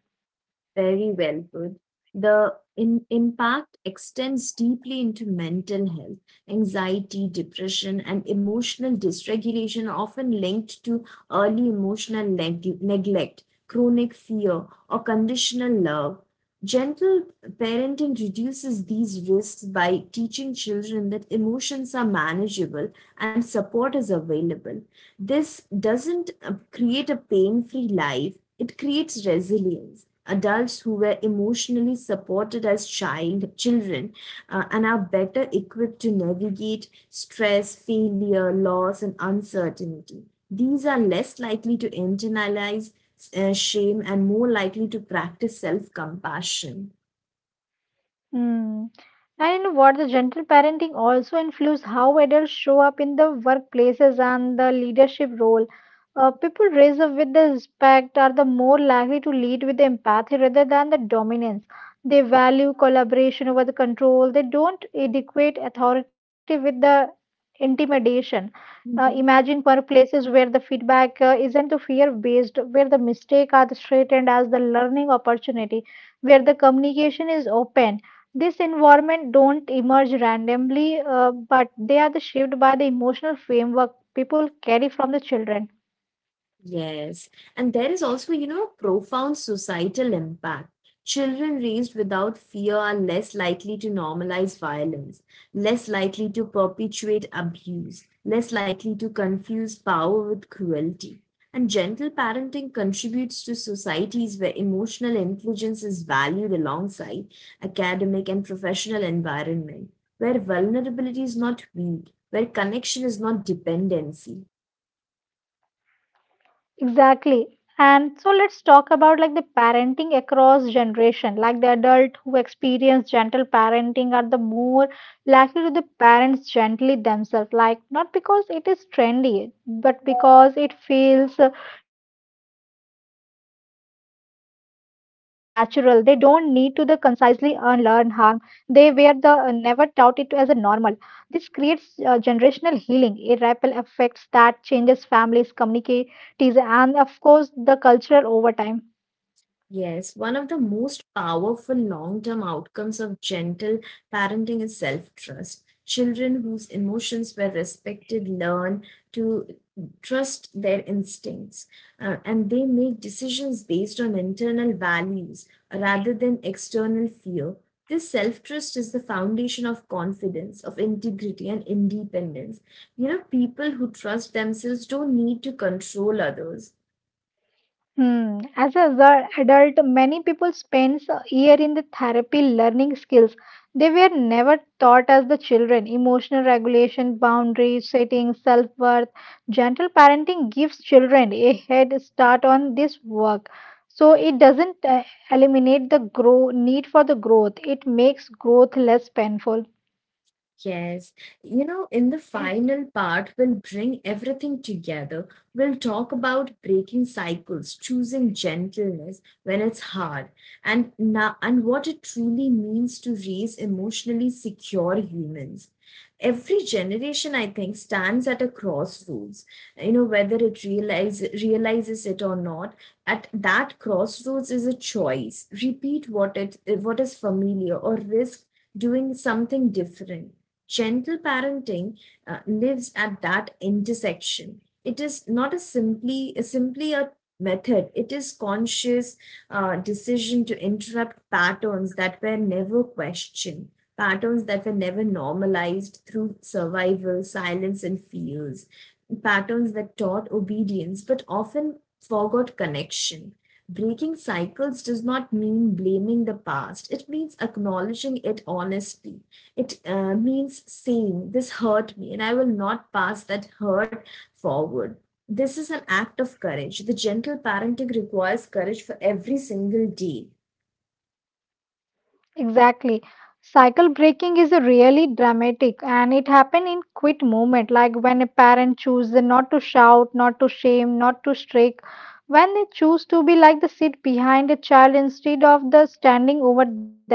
Very well put. The impact extends deeply into mental health. Anxiety, depression, and emotional dysregulation are often linked to early emotional neglect, chronic fear, or conditional love. Gentle parenting reduces these risks by teaching children that emotions are manageable and support is available. This doesn't create a pain free life, it creates resilience. Adults who were emotionally supported as children and are better equipped to navigate stress, failure, loss, and uncertainty. These are less likely to internalize shame and more likely to practice self compassion.
Mm. And you know what? The gentle parenting also influences how adults show up in the workplaces and the leadership role. People raised up with the respect are the more likely to lead with the empathy rather than the dominance. They value collaboration over the control. They don't equate authority with the intimidation. Imagine workplaces where the feedback isn't the fear based, where the mistakes are the straightened as the learning opportunity, where the communication is open, this environment don't emerge randomly, but they are the shaped by the emotional framework people carry from the children.
Yes, and there is also, you know, profound societal impact. Children raised without fear are less likely to normalize violence, less likely to perpetuate abuse, less likely to confuse power with cruelty. And gentle parenting contributes to societies where emotional intelligence is valued alongside academic and professional environment, where vulnerability is not weak, where connection is not dependency.
Exactly. And so let's talk about like the parenting across generation. Like the adult who experience gentle parenting are the more likely to the parents gently themselves. Like not because it is trendy, but because it feels natural. They don't need to the concisely unlearn harm. They were the never taught it as a normal. This creates generational healing, a ripple effects that changes families, communicate activities, and of course the cultural overtime.
Yes, one of the most powerful long term outcomes of gentle parenting is self trust. Children whose emotions were respected learn to trust their instincts and they make decisions based on internal values rather than external fear. This self trust is the foundation of confidence, of integrity, and independence. You know, people who trust themselves don't need to control others.
Hmm. As a the adult, many people spend a year in the therapy learning skills they were never taught as the children. Emotional regulation, boundary setting, self worth, gentle parenting gives children a head start on this work. So it doesn't eliminate the grow need for the growth. It makes growth less painful.
Yes, you know, in the final part, we'll bring everything together. We'll talk about breaking cycles, choosing gentleness when it's hard, and now, and what it truly means to raise emotionally secure humans. Every generation, I think, stands at a crossroads. You know, whether it realizes it or not, at that crossroads is a choice. Repeat what is familiar, or risk doing something different. Gentle parenting lives at that intersection. It is not a simply a simply a method. It is conscious decision to interrupt patterns that were never questioned, patterns that were never normalized through survival, silence, and fears, patterns that taught obedience but often forgot connection. Breaking cycles does not mean blaming the past, it means acknowledging it honestly. It means saying, "This hurt me, and I will not pass that hurt forward." This is an act of courage. The gentle parenting requires courage for every single day.
Exactly. Cycle breaking is a really dramatic and it happens in quit moment, like when a parent chooses not to shout, not to shame, not to strike, when they choose to be like the sit behind a child instead of the standing over them,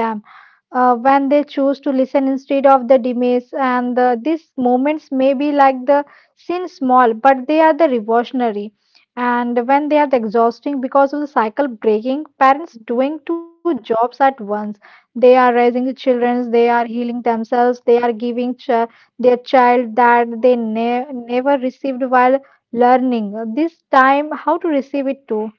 when they choose to listen instead of the demise, and the, these moments may be like the sin small but they are the revolutionary, and when they are the exhausting because of the cycle breaking parents doing two jobs at once, they are raising children, they are healing themselves, they are giving their child that they never received while learning this time how to receive it too.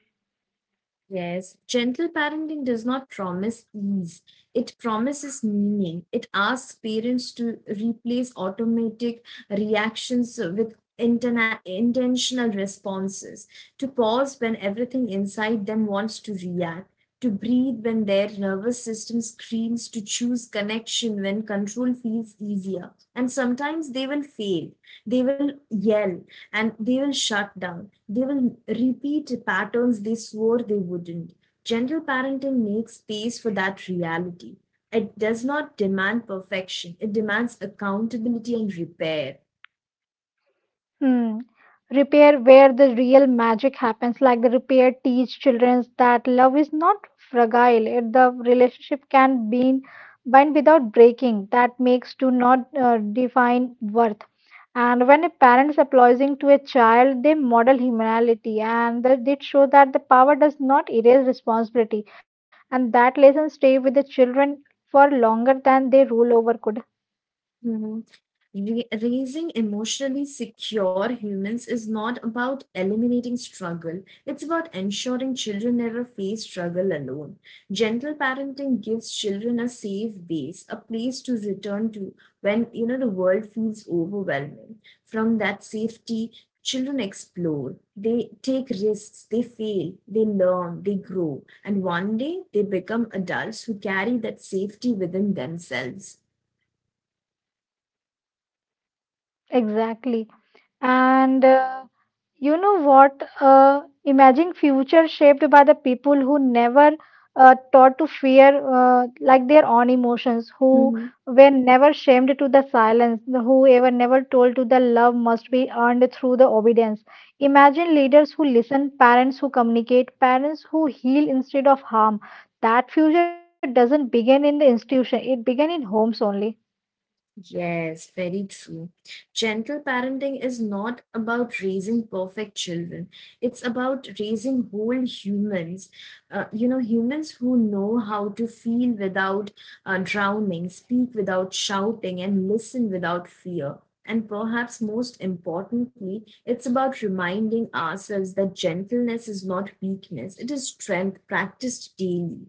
Yes, gentle parenting does not promise ease. It promises meaning. It asks parents to replace automatic reactions with intentional responses, to pause when everything inside them wants to react, to breathe when their nervous system screams, to choose connection when control feels easier. And sometimes they will fail, they will yell, and they will shut down, they will repeat patterns they swore they wouldn't. Gentle parenting makes space for that reality. It does not demand perfection, it demands accountability and repair.
Hmm. Repair where the real magic happens, like the repair teach children that love is not fragile. It, the relationship can be bind without breaking. That makes do not define worth. And when a parent is apologizing to a child, they model humanity, and they show that the power does not erase responsibility. And that lesson stay with the children for longer than they rule over could.
Mhm. Raising emotionally secure humans is not about eliminating struggle, it's about ensuring children never face struggle alone. Gentle parenting gives children a safe base, a place to return to when, you know, the world feels overwhelming. From that safety, children explore, they take risks, they fail, they learn, they grow, and one day they become adults who carry that safety within themselves.
Exactly. And You know what? Imagine future shaped by the people who never taught to fear like their own emotions, who
Mm-hmm.
were never shamed to the silence, who ever never told to the love must be earned through the obedience. Imagine leaders who listen, parents who communicate, parents who heal instead of harm. That future doesn't begin in the institution; it began in homes only.
Yes, very true. Gentle parenting is not about raising perfect children. It's about raising whole humans, you know, humans who know how to feel without drowning, speak without shouting, and listen without fear. And perhaps most importantly, it's about reminding ourselves that gentleness is not weakness, it is strength practiced daily.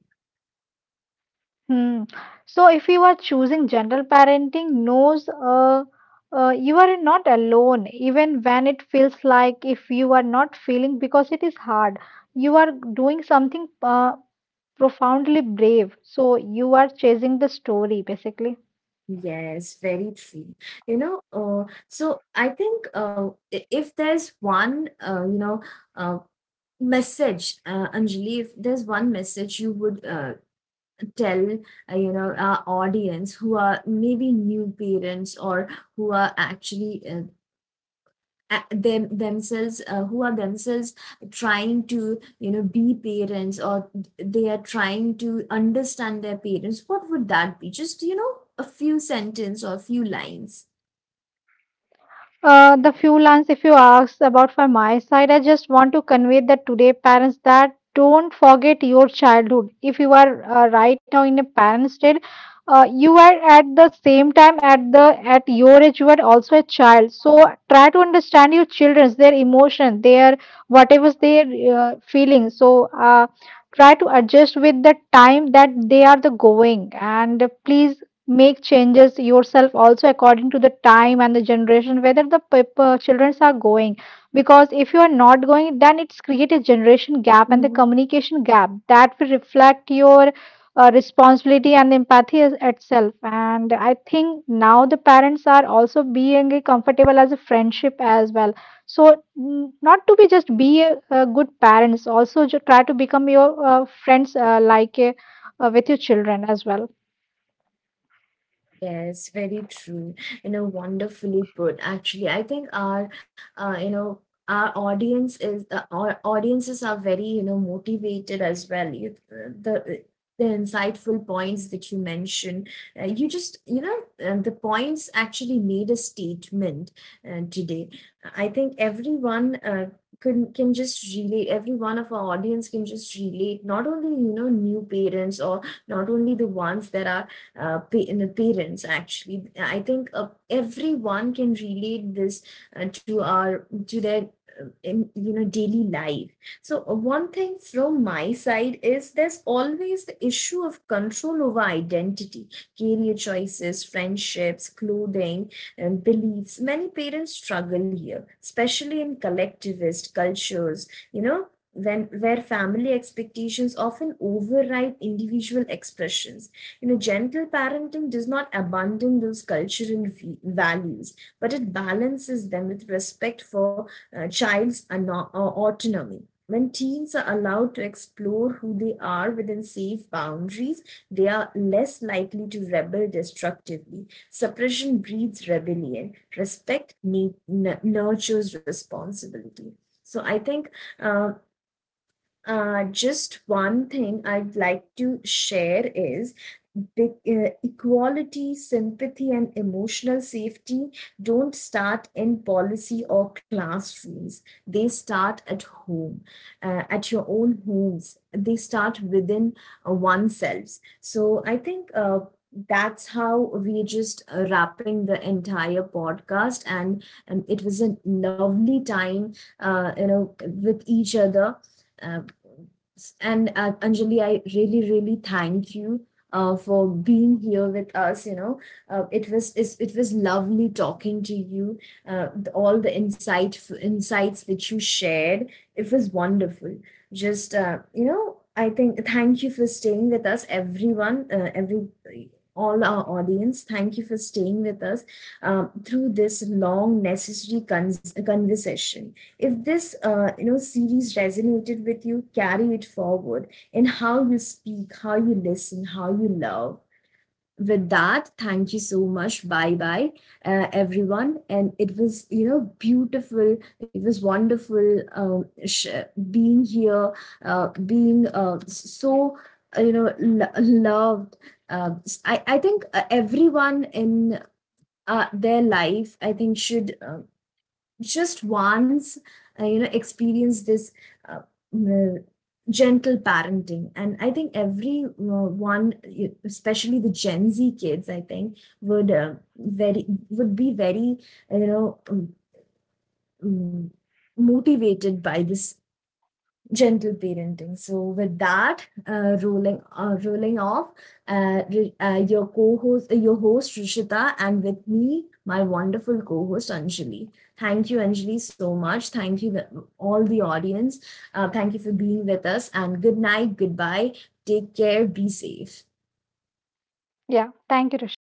Hmm. So if you are choosing general parenting, knows you are not alone, even when it feels like if you are not feeling because it is hard, you are doing something profoundly brave. So you are chasing the story basically.
Yes, very true. You know, so I think if there's one, uh, message, Anjali, if there's one message you would tell, you know, our audience who are maybe new parents, or who are actually themselves, who are themselves trying to, you know, be parents, or they are trying to understand their parents, what would that be? Just, you know, a few sentence or a few lines.
The few lines, if you ask about from my side, I just want to convey that today, parents, that don't forget your childhood. If you are right now in a parent state, you are at the same time at your age, you are also a child. So try to understand your children's their emotion, their whatever they are feeling. So try to adjust with the time that they are the going, and please make changes yourself also according to the time and the generation whether the people children are going, because if you are not going then it's create a generation gap and the communication gap that will reflect your responsibility and empathy itself. And I think now the parents are also being a comfortable as a friendship as well, so not to be just be a good parents, also try to become your friends with your children as well.
Yes, very true. You know, wonderfully put. Actually, I think uh, you know, our audience is our audiences are very, you know, motivated as well. You, the insightful points that you mentioned, you just, you know, the points actually made a statement today. I think everyone can just relate. Every one of our audience can just relate, not only, you know, new parents or not only the ones that are in the parents. Actually, I think everyone can relate this to their you know, daily life. So one thing from my side is, there's always the issue of control over identity, career choices, friendships, clothing, and beliefs. Many parents struggle here, especially in collectivist cultures, you know, when where family expectations often override individual expressions. You know, gentle parenting does not abandon those cultural values, but it balances them with respect for child's autonomy. When teens are allowed to explore who they are within safe boundaries, they are less likely to rebel destructively. Suppression breeds rebellion. Respect nurtures responsibility. So I think uh, just one thing I'd like to share is big, equality, sympathy, and emotional safety don't start in policy or classrooms. They start at home, at your own homes. They start within oneself. So I think that's how we're just wrapping the entire podcast. And it was a lovely time, you know, with each other. Uh, and Anjali, I really, really thank you for being here with us. You know, it was lovely talking to you. All the insights that you shared, it was wonderful. Just, you know, I think thank you for staying with us, everyone, every all our audience. Thank you for staying with us through this long, necessary conversation. If this, you know, series resonated with you, carry it forward in how you speak, how you listen, how you love. With that, thank you so much. Bye bye, everyone. And it was, you know, beautiful. It was wonderful, being here, uh, being uh, so, you know, loved. Uh, I think everyone in their life, I think, should, just once, you know, experience this, uh, uh, gentle parenting. And I think every especially the Gen Z kids, I think would very would be very, you know, um, motivated by this gentle parenting. So with that, rolling off, your host Rishita, and with me, my wonderful co-host Anjali. Thank you, Anjali, so much. Thank you, the, all the audience. Thank you for being with us. And good night, goodbye. Take care. Be safe.
Yeah. Thank you, Rishita.